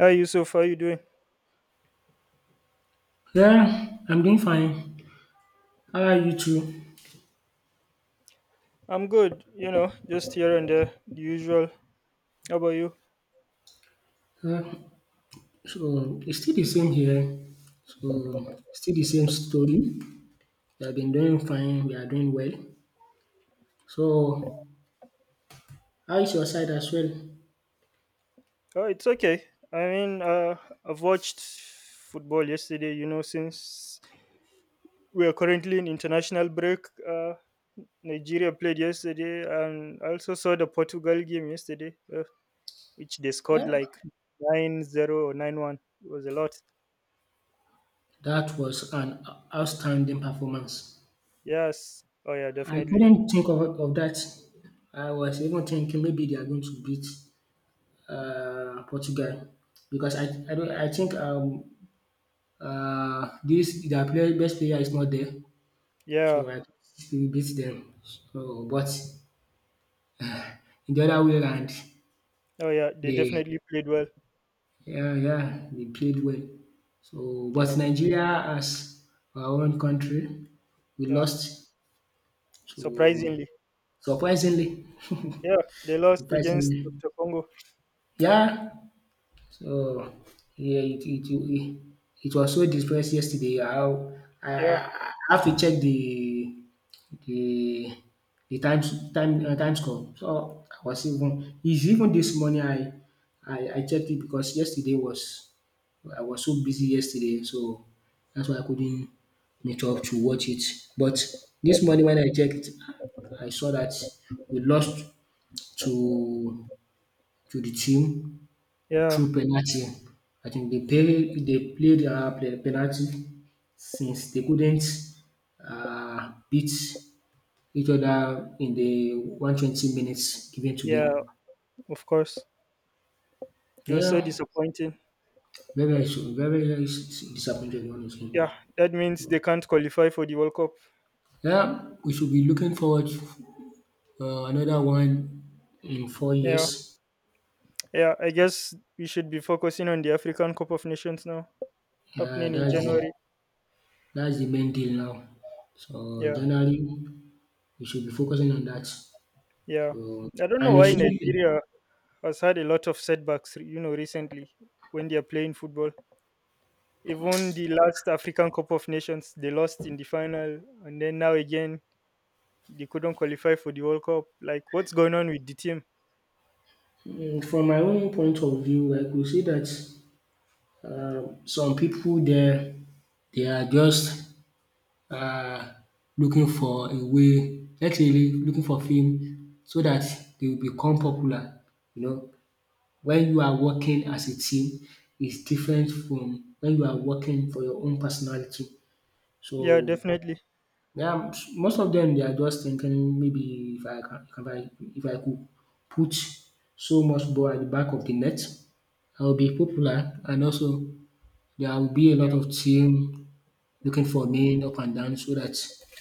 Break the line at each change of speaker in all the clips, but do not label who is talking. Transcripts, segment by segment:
Hi Yusuf, how you doing?
Yeah, I'm doing fine. How are you too?
I'm good, you know, just here and there, the usual. How about you?
Uh, so it's still the same here. So still the same story. We have been doing fine. We are doing well. So how is your side as well?
Oh, it's okay. I mean, I've watched football yesterday, you know, since we are currently in international break. Nigeria played yesterday, and I also saw the Portugal game yesterday, which they scored
Yeah,
like 9-0 or 9-1. It was a lot.
that was an outstanding performance.
Yes. Oh, yeah,
I
definitely.
couldn't think of that. I was even thinking maybe they are going to beat Portugal because I, don't, I think this best player is not there.
Yeah.
So I beat them. So but in the other way round
Oh, yeah, they
they
definitely played well.
yeah, they played well. So
Yeah,
but Nigeria as our own country we
yeah.
lost. So,
Surprisingly.
surprisingly
Yeah, they lost against
surprisingly.
DR Congo.
Yeah. So yeah, it it was so depressed yesterday how I
Yeah,
I have to check the the the time score. So I was even it's even this morning I I checked it because yesterday was I was so busy yesterday so that's why I couldn't meet up to watch it. But this morning when I checked I saw that we lost to to the team
yeah,
through penalty. I think they played penalty since they couldn't beat each other in the 120 minutes given to
yeah,
them.
of course. It was so
Yeah,
disappointing.
very very disappointed honestly.
Yeah, that means they can't qualify for the World Cup.
Yeah, we should be looking forward another one in four
Yeah,
years.
yeah, I guess we should be focusing on the African Cup of Nations now, happening in
That's the
January.
main deal now. So
Yeah,
January we should be focusing on that.
yeah.
So
I don't know
and it
why
should be.
Nigeria has had a lot of setbacks, you know, recently when they are playing football. Even the last African Cup of Nations, they lost in the final, and then now again, they couldn't qualify for the World Cup. Like, what's going on with the team?
Mm, from my own point of view, I could say that some people there they are just um looking for a way, let's say looking for fame so that they will become popular, you know. When you are working as a team is different from when you are working for your own personality.
Yeah,
So
definitely.
yeah, most of them they are just thinking maybe if I can if I could put so much ball at the back of the net, I will be popular and also there will be a lot
Yeah.
of team looking for me up and down so that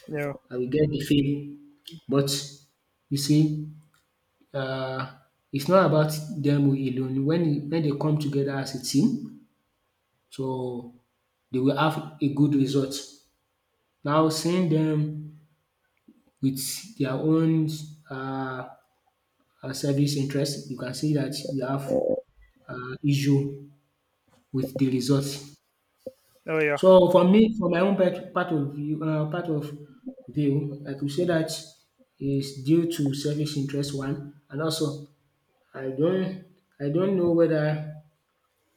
Yeah.
I will get the fame. But you see, uh, it's not about them alone. When they come together as a team, so they will have a good result. Now seeing them with their own uh service interest, you can see that you have issue with the results.
Oh, yeah.
So for me, for my own part of view, I could say that is due to service interest one, and also I don't I don't know whether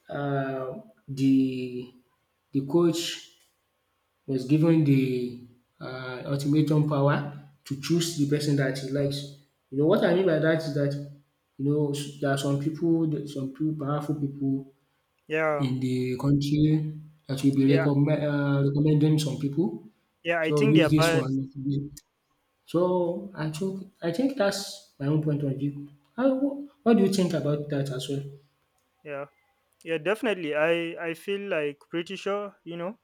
uh, the coach was given the ultimatum power to choose the person that he likes. You know what I mean by that is that you know there are some pipu powerful people
Yeah.
in the country that will be
Yeah.
recommending some people.
Yeah. I
So
think they
use
are
this one.
biased.
I think that's my own point of view. How, what do you think about that as well?
Yeah. Yeah, definitely. I feel like pretty sure, you know,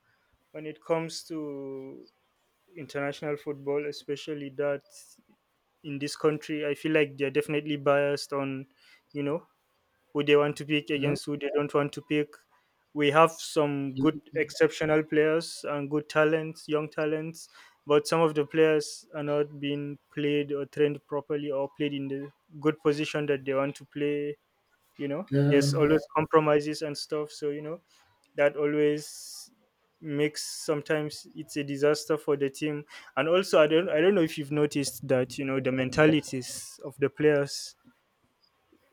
when it comes to international football, especially that in this country, I feel like they're definitely biased on, you know, who they want to pick
You know?
against who they don't want to pick. We have some good exceptional players and good talents, young talents, but some of the players are not being played or trained properly or played in the good position that they want to play. You know,
Yeah,
there's always compromises and stuff. So, you know, that always makes sometimes it's a disaster for the team, and also I don't know if you've noticed that, you know, the mentalities of the players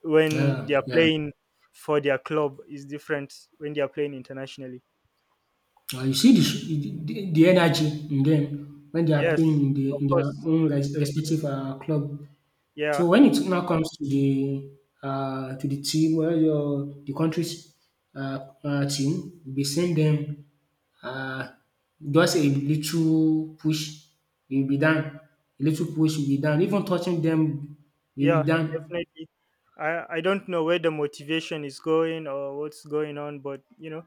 when they
yeah,
are
yeah.
playing for their club is different when they are playing internationally.
Ah, you see the energy in them when they are playing
Yes,
in
of
their
course.
own respective, club. So
Yeah,
when it now comes to the team where your the country's, team, we send them, uh, just a little push, you'll be done. A little push, will be done. Even touching them, you'll be
yeah,
done.
definitely. I don't know where the motivation is going or what's going on, but you know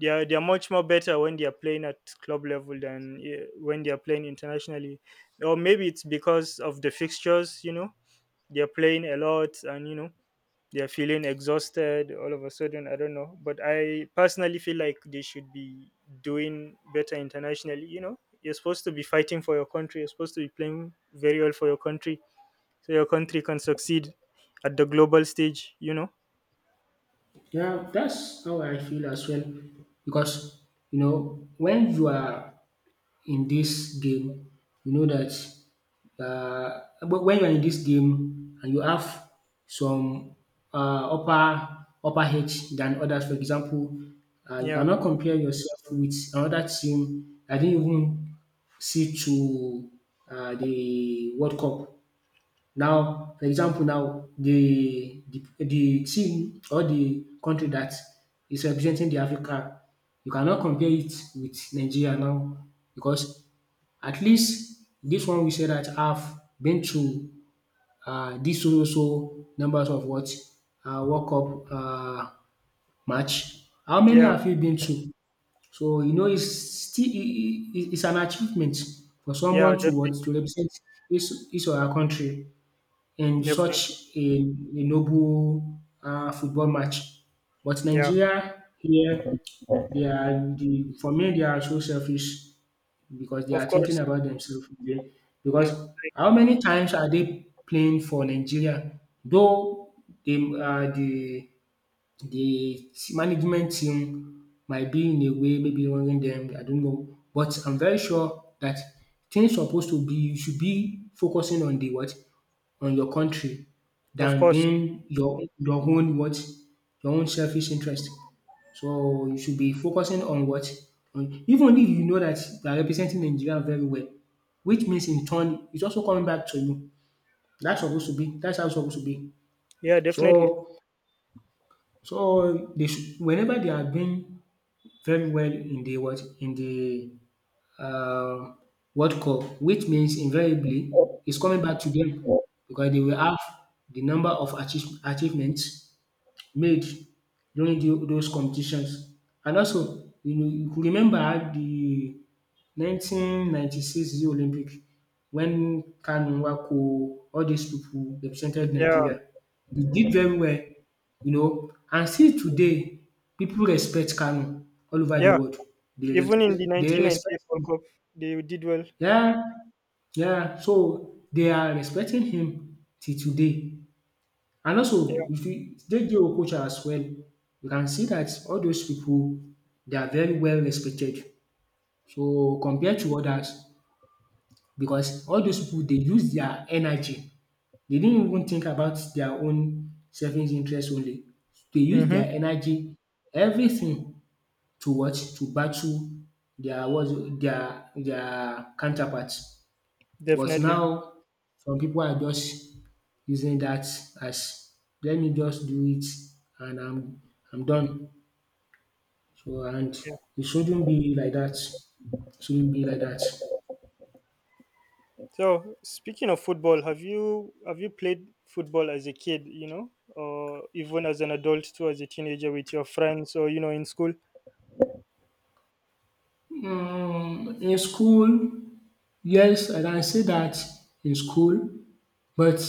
they are much more better when they are playing at club level than eh, when they are playing internationally, or maybe it's because of the fixtures. You know, they are playing a lot, and you know, they're feeling exhausted all of a sudden. I don't know, but I personally feel like they should be doing better internationally, you know. You're supposed to be fighting for your country, you're supposed to be playing very well for your country so your country can succeed at the global stage, you know.
Yeah, that's how I feel as well because, you know, when you are in this game, you know that but when you are in this game and you have some upper edge than others. For example, you
Yeah,
cannot compare yourself with another team. I didn't even see to the World Cup. Now for example now the the team or the country that is representing the Africa, you cannot compare it with Nigeria now because at least this one we said that I have been to this so so numbers of what, World Cup match. How many
yeah,
have you been to? So you know it's still it's an achievement for
yeah,
someone to what, to
definitely,
represent his or her country in
definitely.
such a noble, football match. But
Yeah,
Nigeria here they are the for me they are so selfish because they
of
are thinking
course.
about themselves again. Because
Yeah,
how many times are they playing for Nigeria? Though they, the management team might be in a way maybe running them, I don't know. But I'm very sure that things supposed to be you should be focusing on the what? On your country
of
than
course.
being your own what? Your own selfish interest. So you should be focusing on what? On even if you know that you are representing Nigeria very well, which means in turn it's also coming back to you. That's how it's supposed to be.
Yeah, definitely.
So so, they should whenever they have been very well in the what in the um World Cup, which means invariably it's coming back to them because they will have the number of achievements made during those competitions. And also you know, you could remember how the 1996 Rio Olympic when Kanu, Nwoko all these people represented
Yeah,
Nigeria. They did very well, you know, and still today people respect Kanu all over the
yeah.
world. They
Even in the
respect, they respect
1998 world
him.
cup they did well.
Yeah, yeah. So they are respecting him till today. And
Yeah.
also, if you take the Okocha as well, you can see that all those people they are very well respected. So compared to others, because all those people they use their energy. They didn't even think about their own selfish interest only. They use
Mm-hmm.
their energy, everything to what, to battle their was their counterparts. But
Definitely.
now some people are just using that as let me just do it and I'm done. So and
Yeah.
it shouldn't be like that. Shouldn't be like that.
So speaking of football, have you played football as a kid, you know, or even as an adult too, as a teenager with your friends or, you know, in school?
Mm, in school, yes, I can say that in school, but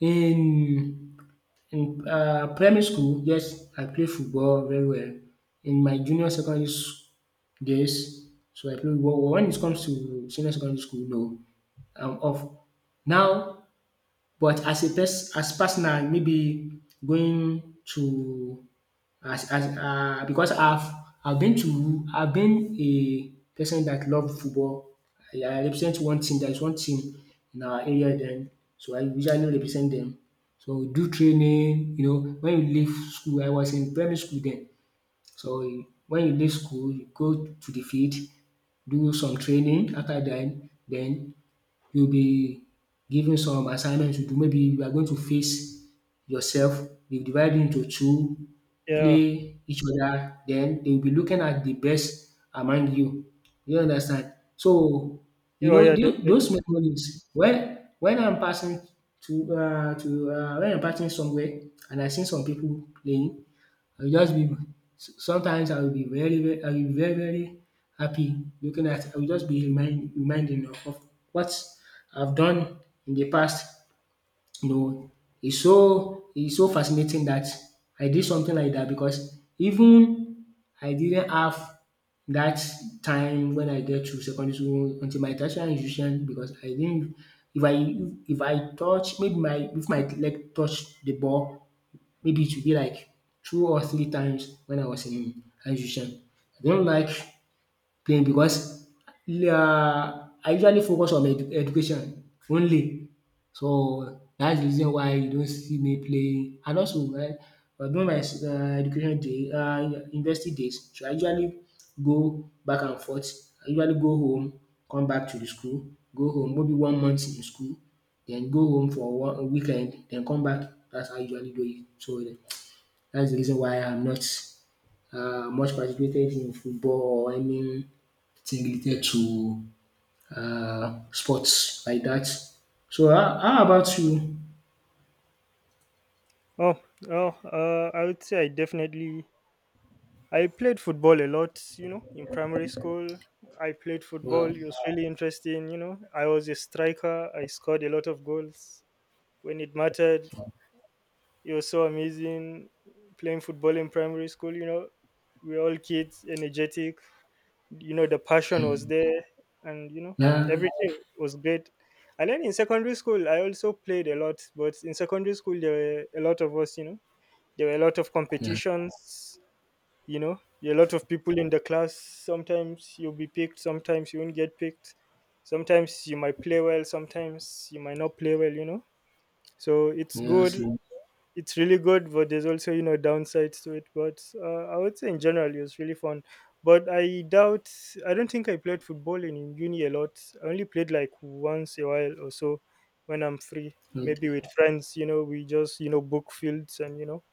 in. In primary school, yes, I play football very well. In my junior days, so I play football. When it comes to senior secondary school, no, I'm off. Now but as a personal, maybe going to as because I've been a person that love football. I represent one team, there is one team in our area then, so I usually no represent them. So we do training, you know, when you leave school, I was in primary school then. So when you leave school, you go to the field, do some training. After that. Then you'll be given some assignments to do maybe you are going to face yourself, you divide you into two,
Yeah.
play each other, then they will be looking at the best among you. You understand? So you
Oh,
know
yeah, definitely.
those memories when I'm passing to when I'm passing somewhere and I see some people playing I will just be sometimes I will be very very happy looking at I will just be reminding of what I've done in the past, you know. It's so fascinating that I did something like that because even I didn't have that time when I get to secondary school until my tertiary institution because I didn't if I if I touch maybe my if my leg touch the ball. Maybe it should be like 2 or 3 times when I was in high tuition. I don't like playing because I usually focus on education only. So that's the reason why you don't see me playing and also during my education day university days so I usually go back and forth. I usually go home come back to the school, go home maybe one month in school, then go home for one a weekend then come back. That's how I usually do it. So that's the reason why I'm not much participated in football or anything related to sports like that. So how about you?
Oh, oh, I would say I played football a lot, you know, in primary school. I played football.
Wow!
It was really interesting, you know. I was a striker. I scored a lot of goals when it mattered. It was so amazing playing football in primary school. You know, we were all kids, energetic. You know, the passion was there, and, you know,
Yeah,
everything was great. And then in secondary school, I also played a lot. But in secondary school, there were a lot of us. You know, there were a lot of
yeah,
competitions. You know, there were a lot of people in the class. Sometimes you'll be picked. Sometimes you won't get picked. Sometimes you might play well. Sometimes you might not play well. You know. So
yeah, I see,
it's really good, but there's also, you know, downsides to it. But I would say in general it was really fun. But I doubt I don't think I played football in uni a lot. I only played like once a while or so when I'm free. Maybe with
okay.
friends, you know, we just, you know, book fields and, you know,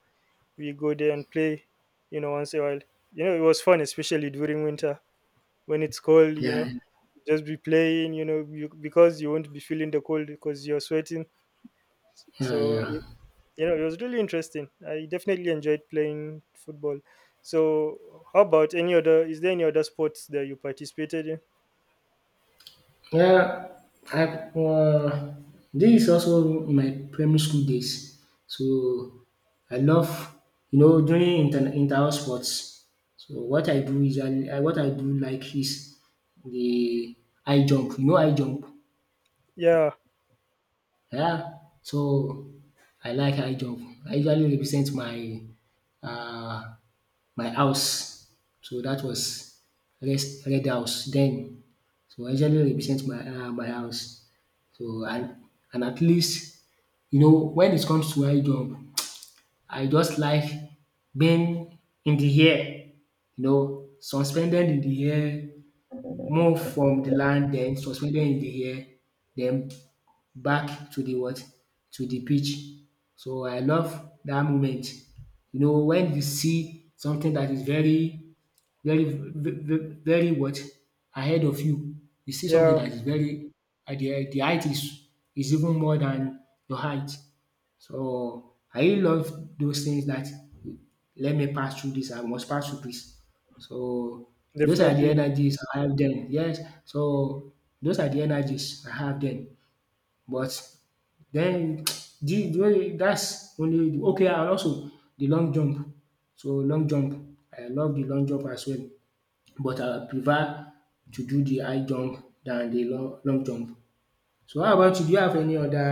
we go there and play, you know, once a while. You know, it was fun, especially during winter when it's cold. You know,
Yeah,
just be playing. You know, you, because you won't be feeling the cold because you're sweating.
yeah,
So,
yeah.
you know, it was really interesting. I definitely enjoyed playing football. So, how about any other? Is there any other sports that you participated in?
Yeah, I've this is also my primary school days. So I love you know doing inter house sports. So what I do is I what I do like is the high jump. You know high jump.
Yeah,
Yeah. So I like high jump. I usually represent my uh my house. So that was red red house then. So I usually represent my my house. So and at least you know when it comes to high jump, I just like being in the air, you know, suspended in the air more from the land, then suspended in the air, then back to the what? To the pitch. So I love that moment. You know, when you see something that is very, very, very what? Ahead of you, you see something
yeah,
that is very, at the height is even more than your height. So I really love those things that let me pass through this, I must pass through this. So, those are the
definitely.
energies I have then. Yes, so those are the energies I have then. But then the that's only okay, and also the long jump. So long jump, I love the long jump as well. But I prefer to do the high jump than the long jump. So how about you? Do you have any other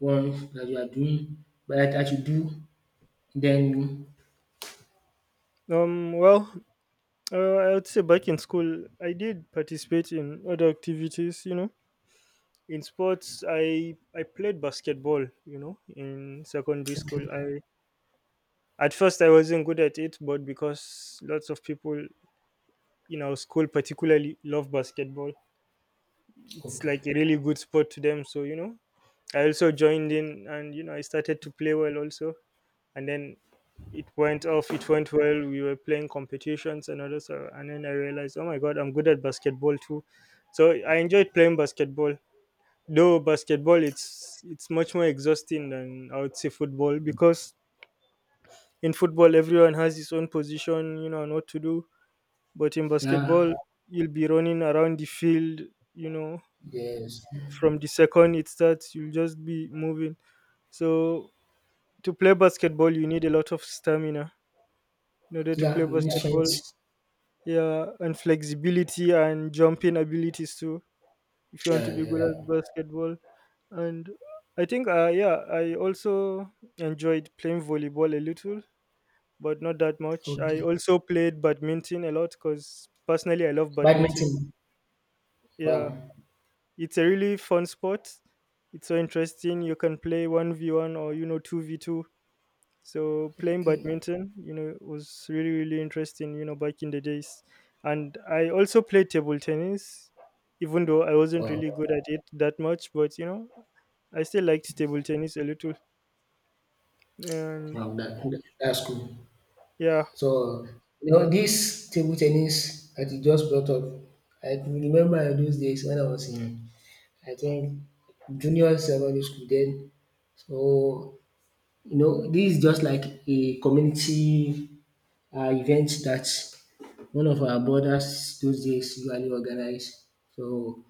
ones that you are doing but that you do then.
Well, I would say back in school, I did participate in other activities. You know, in sports, I played basketball. You know, in secondary school,
Okay,
I at first I wasn't good at it, but because lots of people in our school particularly love basketball, it's
okay,
like a really good sport to them. So, you know, I also joined in, and, you know, I started to play well also. And then it went well. We were playing competitions and others, and then I realized, oh my god, I'm good at basketball too. So I enjoyed playing basketball, though basketball, it's much more exhausting than, I would say, football, because in football everyone has his own position, you know, and what to do, but in basketball
yeah,
you'll be running around the field, you know,
yes.
from the second it starts, you'll just be moving. So to play basketball you need a lot of stamina in order to play
Yeah,
basketball.
influence.
Yeah, and flexibility and jumping abilities too if you want to
Yeah,
be
yeah,
good
yeah.
at basketball. And I think I also enjoyed playing volleyball a little, but not that much. I
Okay.
also played badminton a lot because personally I love badminton.
Badminton.
Yeah,
Wow.
it's a really fun sport. It's so interesting. You can play 1v1 or, you know, 2v2. So playing
Okay.
badminton, you know, was really really interesting, you know, back in the days. And I also played table tennis, even though I wasn't
Wow.
really good at it that much, but, you know, I still liked table tennis a little. And
Wow. That's cool.
yeah,
So, this table tennis that you just brought up, I can remember those days when I was in, I think, junior secondary school then. So, you know, this is just like a community event that one of our brothers those days usually organize. So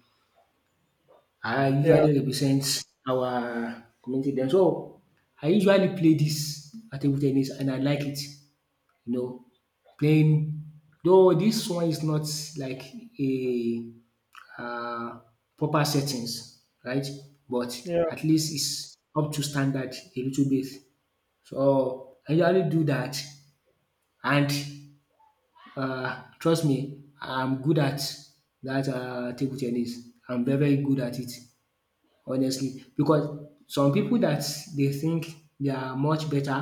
I
yeah,
usually represent our community dem. So I usually play this table tennis, and I like it, you know, playing, though this one is not like a um proper settings, right, but
yeah,
at least it's up to standard a little bit. So I usually do that, and trust me, I'm good at that table tennis. I'm very, very good at it, honestly, because some people that they think they are much better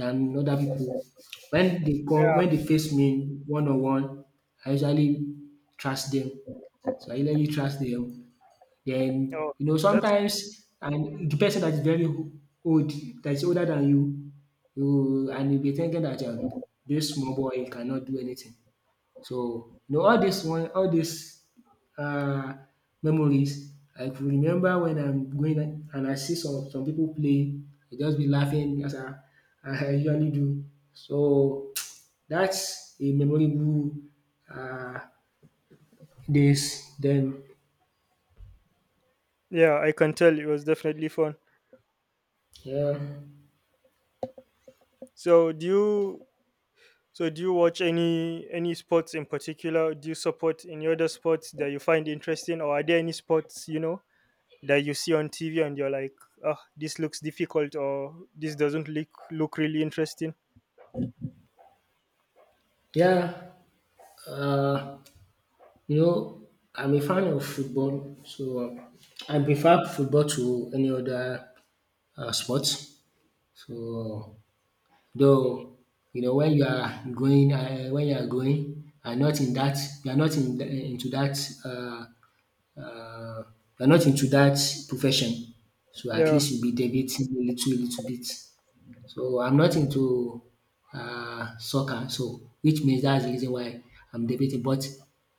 than other people, when they come
yeah.
when they face me one on one, I usually trust them. So I usually trust them. Then
Oh,
you know
that's
sometimes and the person that's very old, that's older than you, you and you be thinking that this small boy cannot do anything. So, you know, all this um memories, I could remember when I'm going and I see some people play, I just be laughing as I usually do. So, that's a memorable um days. Then,
yeah. I can tell it was definitely fun.
yeah,
So do you? So do you watch any sports in particular? Do you support any other sports that you find interesting, or are there any sports, you know, that you see on TV and you're like, oh, this looks difficult or this doesn't look really interesting.
yeah. um you know, I'm a fan of football, so I prefer football to any other sport. So, though, you know, when you are going when you are going and not in that, you are not in into that, uh, um you are not into that profession, so at
Yeah,
least you'll be debating a little bit. So I'm not into soccer, so which means that's the reason why I'm debating, but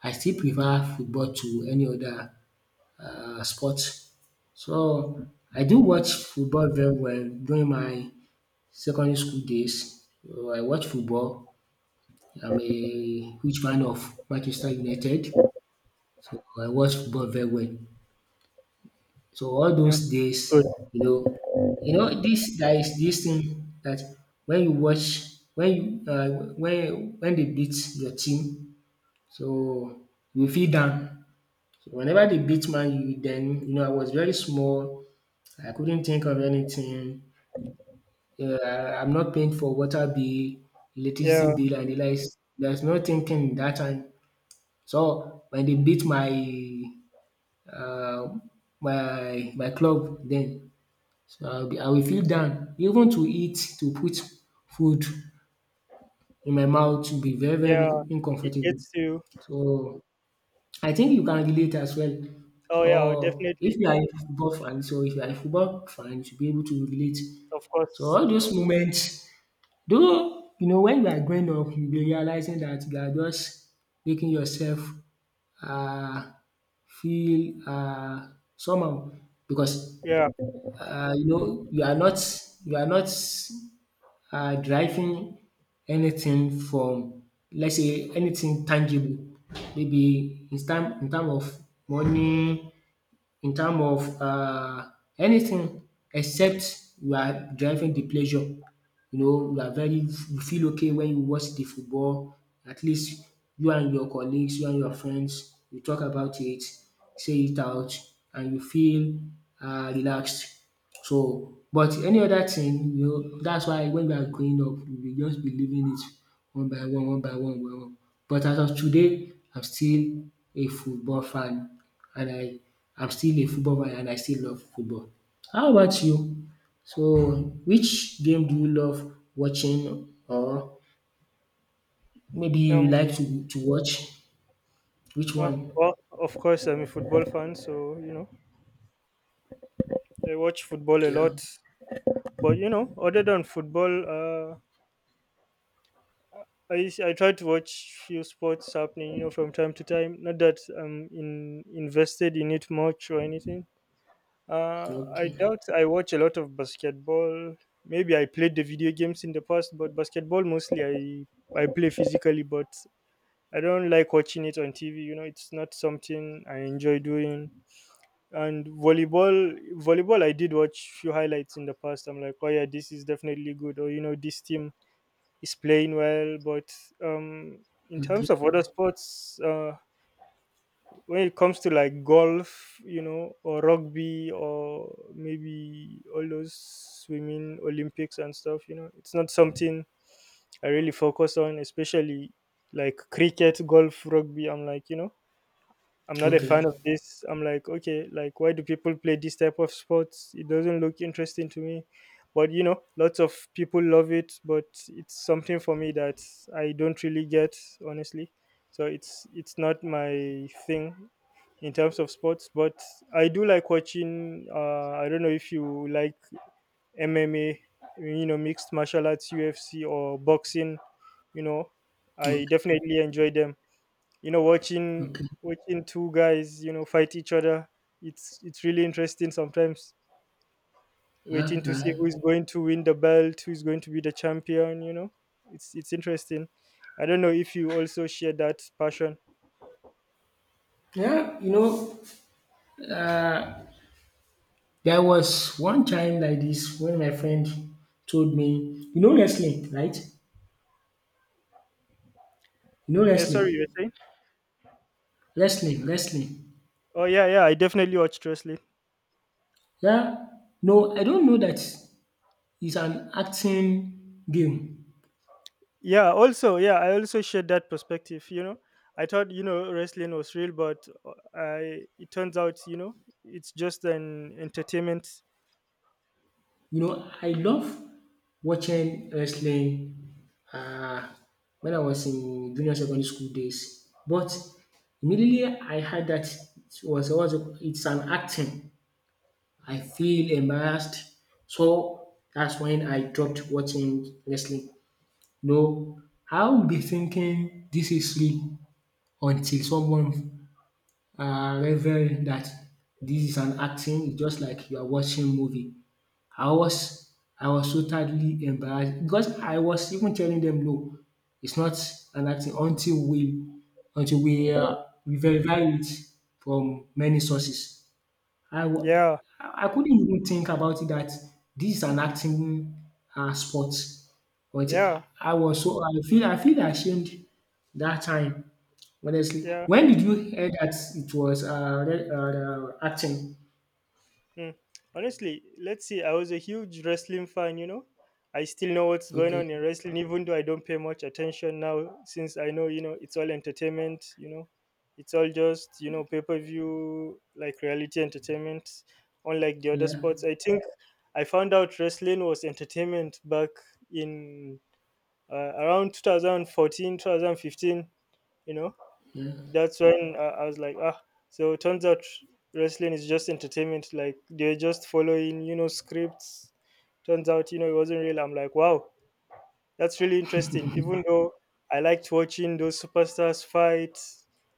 I still prefer football to any other sport. So I do watch football very well during my secondary school days. So I watch football. I'm a huge fan of Manchester United, so I watch football very well. So all
yeah,
those
that's good.
days, you know this, there is this thing that when you watch when you when they beat your team, so you feel down. So whenever they beat Man U, then you know I was very small. I couldn't think of anything. I'm not paying for water bill,
Yeah,
electricity bill, and the likes. There's no thinking that time. So when they beat my uh, my club, then, so I will feel down. Even to eat, to put food in my mouth will be very, very
yeah, it
uncomfortable.
gets you.
So I think you can relate as well.
Oh,
So
yeah,
if
definitely,
you are a football fan, so if you are a football fan, you should be able to relate.
of
So
course.
all those moments, though you know when you are growing up, you'll be realizing that you are just making yourself um feel somehow, because
Yeah.
you know you are not deriving anything from, let's say, anything tangible, maybe in term of money, in term of anything, except we are deriving the pleasure. You know, you are very you feel okay when you watch the football, at least you and your colleagues, you and your friends, you talk about it, say it out, and you feel relaxed. So but any other thing, you know, that's why when we are growing up, we will just be leaving it one by one, one by one, one by one. But as of today, I'm still a football fan, and I'm still a football fan and I still love football. How about you? So which game do you love watching, or maybe you
Um.
like to watch? Which one?
Well, of course, I'm a football fan, so, you know, I watch football a
Yeah.
lot. But, you know, other than football, I try to watch few sports happening, you know, from time to time. Not that I'm invested in it much or anything. I
Okay.
doubt I watch a lot of basketball. Maybe I played the video games in the past, but basketball mostly I play physically, but I don't like watching it on TV. You know, it's not something I enjoy doing. And volleyball, I did watch few highlights in the past. I'm like, oh, yeah, this is definitely good, or, you know, this team is playing well. But um, in
Okay.
terms of other sports, when it comes to like golf, you know, or rugby, or maybe all those swimming Olympics and stuff, you know, it's not something I really focus on, especially like cricket, golf, rugby. I'm like, you know, I'm not a
Okay.
fan of this. I'm like, okay, like why do people play this type of sports? It doesn't look interesting to me. But, you know, lots of people love it, but it's something for me that I don't really get, honestly. So it's not my thing in terms of sports, but I do like watching, I don't know if you like MMA, you know, mixed martial arts, UFC or boxing, you know. I
Okay.
definitely enjoy them, you know, watching
Okay.
watching two guys, you know, fight each other. It's really interesting sometimes,
Yeah.
waiting to see
Yeah.
who's going to win the belt, who's going to be the champion, you know. It's interesting. I don't know if you also share that passion.
Yeah. You know, there was one time like this when my friend told me, you know wrestling, right? You know
Yeah, sorry, you're
wrestling.
saying.
Wrestling, wrestling.
Oh, yeah, yeah, I definitely watched wrestling.
Yeah. No, I don't know that it's an acting game.
Yeah, also, yeah, I also shared that perspective, you know. I thought, you know, wrestling was real, but I it turns out, you know, it's just an entertainment.
You know, I love watching wrestling uh, when I was in junior secondary school days. But immediately I heard that was it's an acting, I feel embarrassed. So that's when I dropped watching wrestling. No, I'll be thinking this is real until someone reveal that this is an acting. It's just like you are watching movie. I was I was so totally embarrassed because I was even telling them no, it's not an acting, until we verify it from many sources. I wa
Yeah,
I couldn't even think about it that this is an acting sport, but
yeah,
I was so, I feel ashamed that time, honestly.
yeah.
When did you hear that it was acting?
Mm. Honestly, let's see. I was a huge wrestling fan, you know. I still know what's going
Okay.
on in wrestling, even though I don't pay much attention now, since I know, you know, it's all entertainment, you know. It's all just, you know, pay per view, like reality entertainment, unlike the other
Yeah,
sports. I think I found out wrestling was entertainment back in around 2014, 2015, you know.
yeah.
That's when I was like, ah. So it turns out wrestling is just entertainment. Like they're just following, you know, scripts. Turns out, you know, it wasn't real. I'm like, wow, that's really interesting. Even though I liked watching those superstars fight,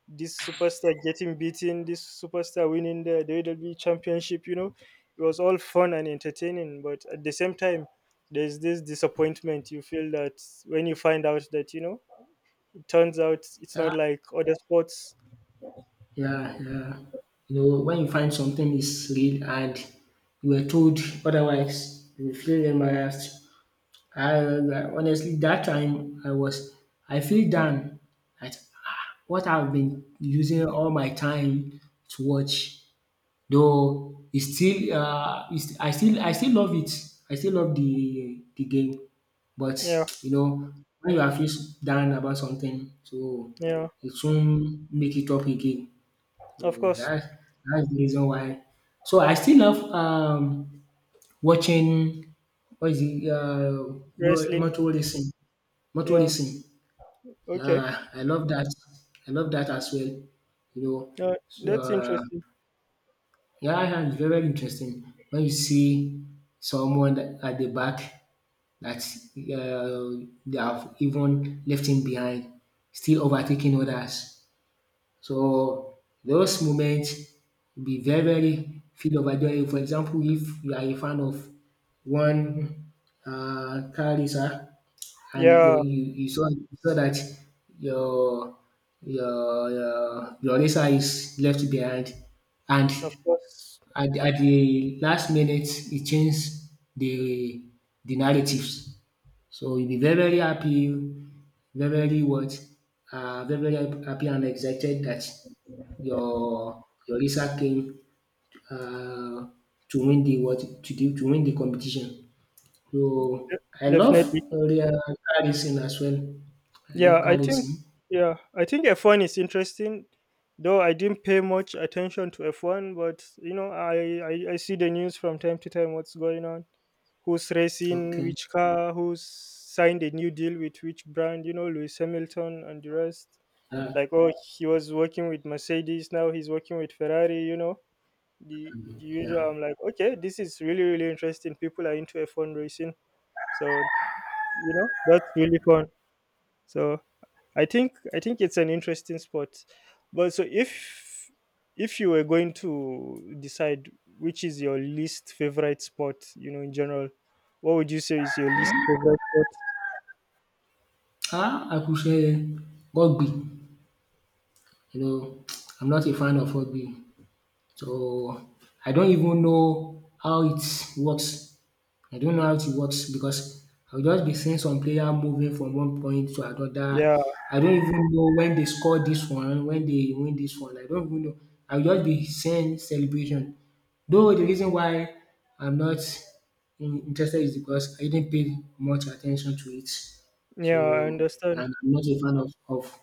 this superstar getting beaten, this superstar winning the WWE championship, you know, it was all fun and entertaining. But at the same time, there's this disappointment you feel that when you find out that, you know, it turns out it's
Uh,
not like other sports.
yeah, yeah. You know, when you find something is real and you were told otherwise, you feel embarrassed. Honestly, that time I feel down at, ah, what I've been using all my time to watch. Though it's still, I still love it. I still love the game, but
Yeah.
you know, when you are feel down about something, so
Yeah,
it soon make it up again.
of
So
course.
that's the reason why. So I still love watching, what is it, no
Wrestling.
motor racing, motor
Yeah.
racing.
Okay.
Yeah, I love that. I love that as well. You know,
Uh,
so
that's interesting.
yeah, yeah, it's very, very interesting when you see at the back that they have even left him behind, still overtaking others. So those moments be very, very full of joy. For example, if you are a fan of one car racer and
Yeah,
you saw, that your your racer is left behind, and
of course.
at the last minute it changed the narratives, so you will be very, very happy, very, very what? Very, very happy and excited that your Lisa came uh, to win the what to do to win the competition. So I love
Definitely.
car racing as well. I love
Yeah, I
car
think,
racing.
F1 is interesting. Though I didn't pay much attention to F1, but, you know, I see the news from time to time what's going on. Who's racing,
Okay.
which car, who's signed a new deal with which brand, you know, Lewis Hamilton and the rest.
Uh,
Like, oh, he was working with Mercedes, now he's working with Ferrari, you know, the usual.
yeah.
I'm like, okay, this is really really interesting. People are into F1 racing. So, you know, that's really fun. So I think it's an interesting sport. But so if you were going to decide which is your least favorite sport, you know, in general, what would you say is your least favorite sport?
Ah, I could say rugby. You know, I'm not a fan of rugby, so I don't even know how it works. I don't know how it works because I will just be seeing some player moving from one point to another.
Yeah,
I don't even know when they score this one, when they win this one. I don't even know. I will just be seeing celebration. Though the reason why I'm not interested is because I didn't pay much attention to it.
yeah, I
So
understand.
and I'm not a fan of,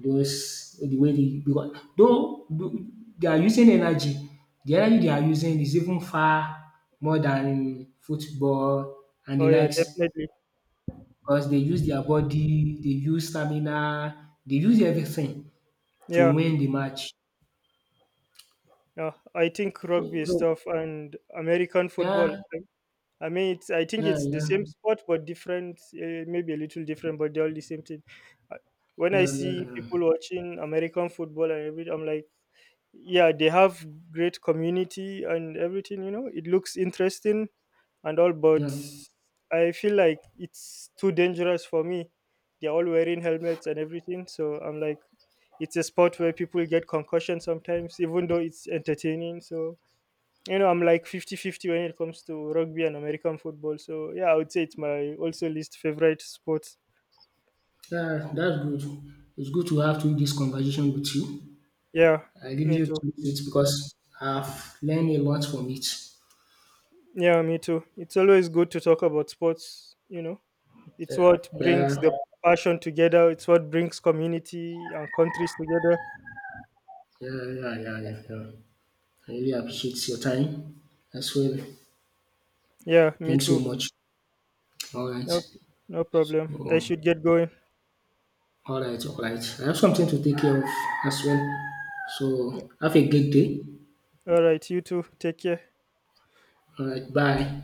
because the way they, because though they are using energy, the energy they are using is even far more than football and
Oh,
the
yeah,
likes,
definitely.
because they use their body, they use stamina, they use everything to
Yeah,
win the match.
yeah, I think
So
rugby is
so
tough, and American football,
yeah,
I mean, I think
yeah, yeah,
it's the same
yeah,
sport, but different, maybe a little different, but they're all the same thing. Uh, When I see
yeah,
people watching American football and everything, I'm like, yeah, they have great community and everything, you know, it looks interesting and all,
yeah,
but
yeah.
I feel like it's too dangerous for me. They're all wearing helmets and everything, so I'm like, it's a sport where people get concussion sometimes, even though it's entertaining. So, you know, I'm like fifty-fifty when it comes to rugby and American football. So, yeah, I would say it's my also least favorite sport.
Yeah, that's good. It's good to have to this conversation with you.
Yeah,
I really
me too.
appreciate it because I've learned a lot from it.
Yeah, me too. It's always good to talk about sports, you know. It's
Yeah.
what brings
Yeah.
the passion together. It's what brings community and countries together.
Yeah, yeah, yeah, yeah, yeah. I really appreciate your time as well.
Yeah, me
Thanks so
too.
much. All
No,
right.
no problem. I
Oh,
should get going.
all right, all right. I have something to take care of as well. So have a great day.
All right, you too. Take care.
All right, bye.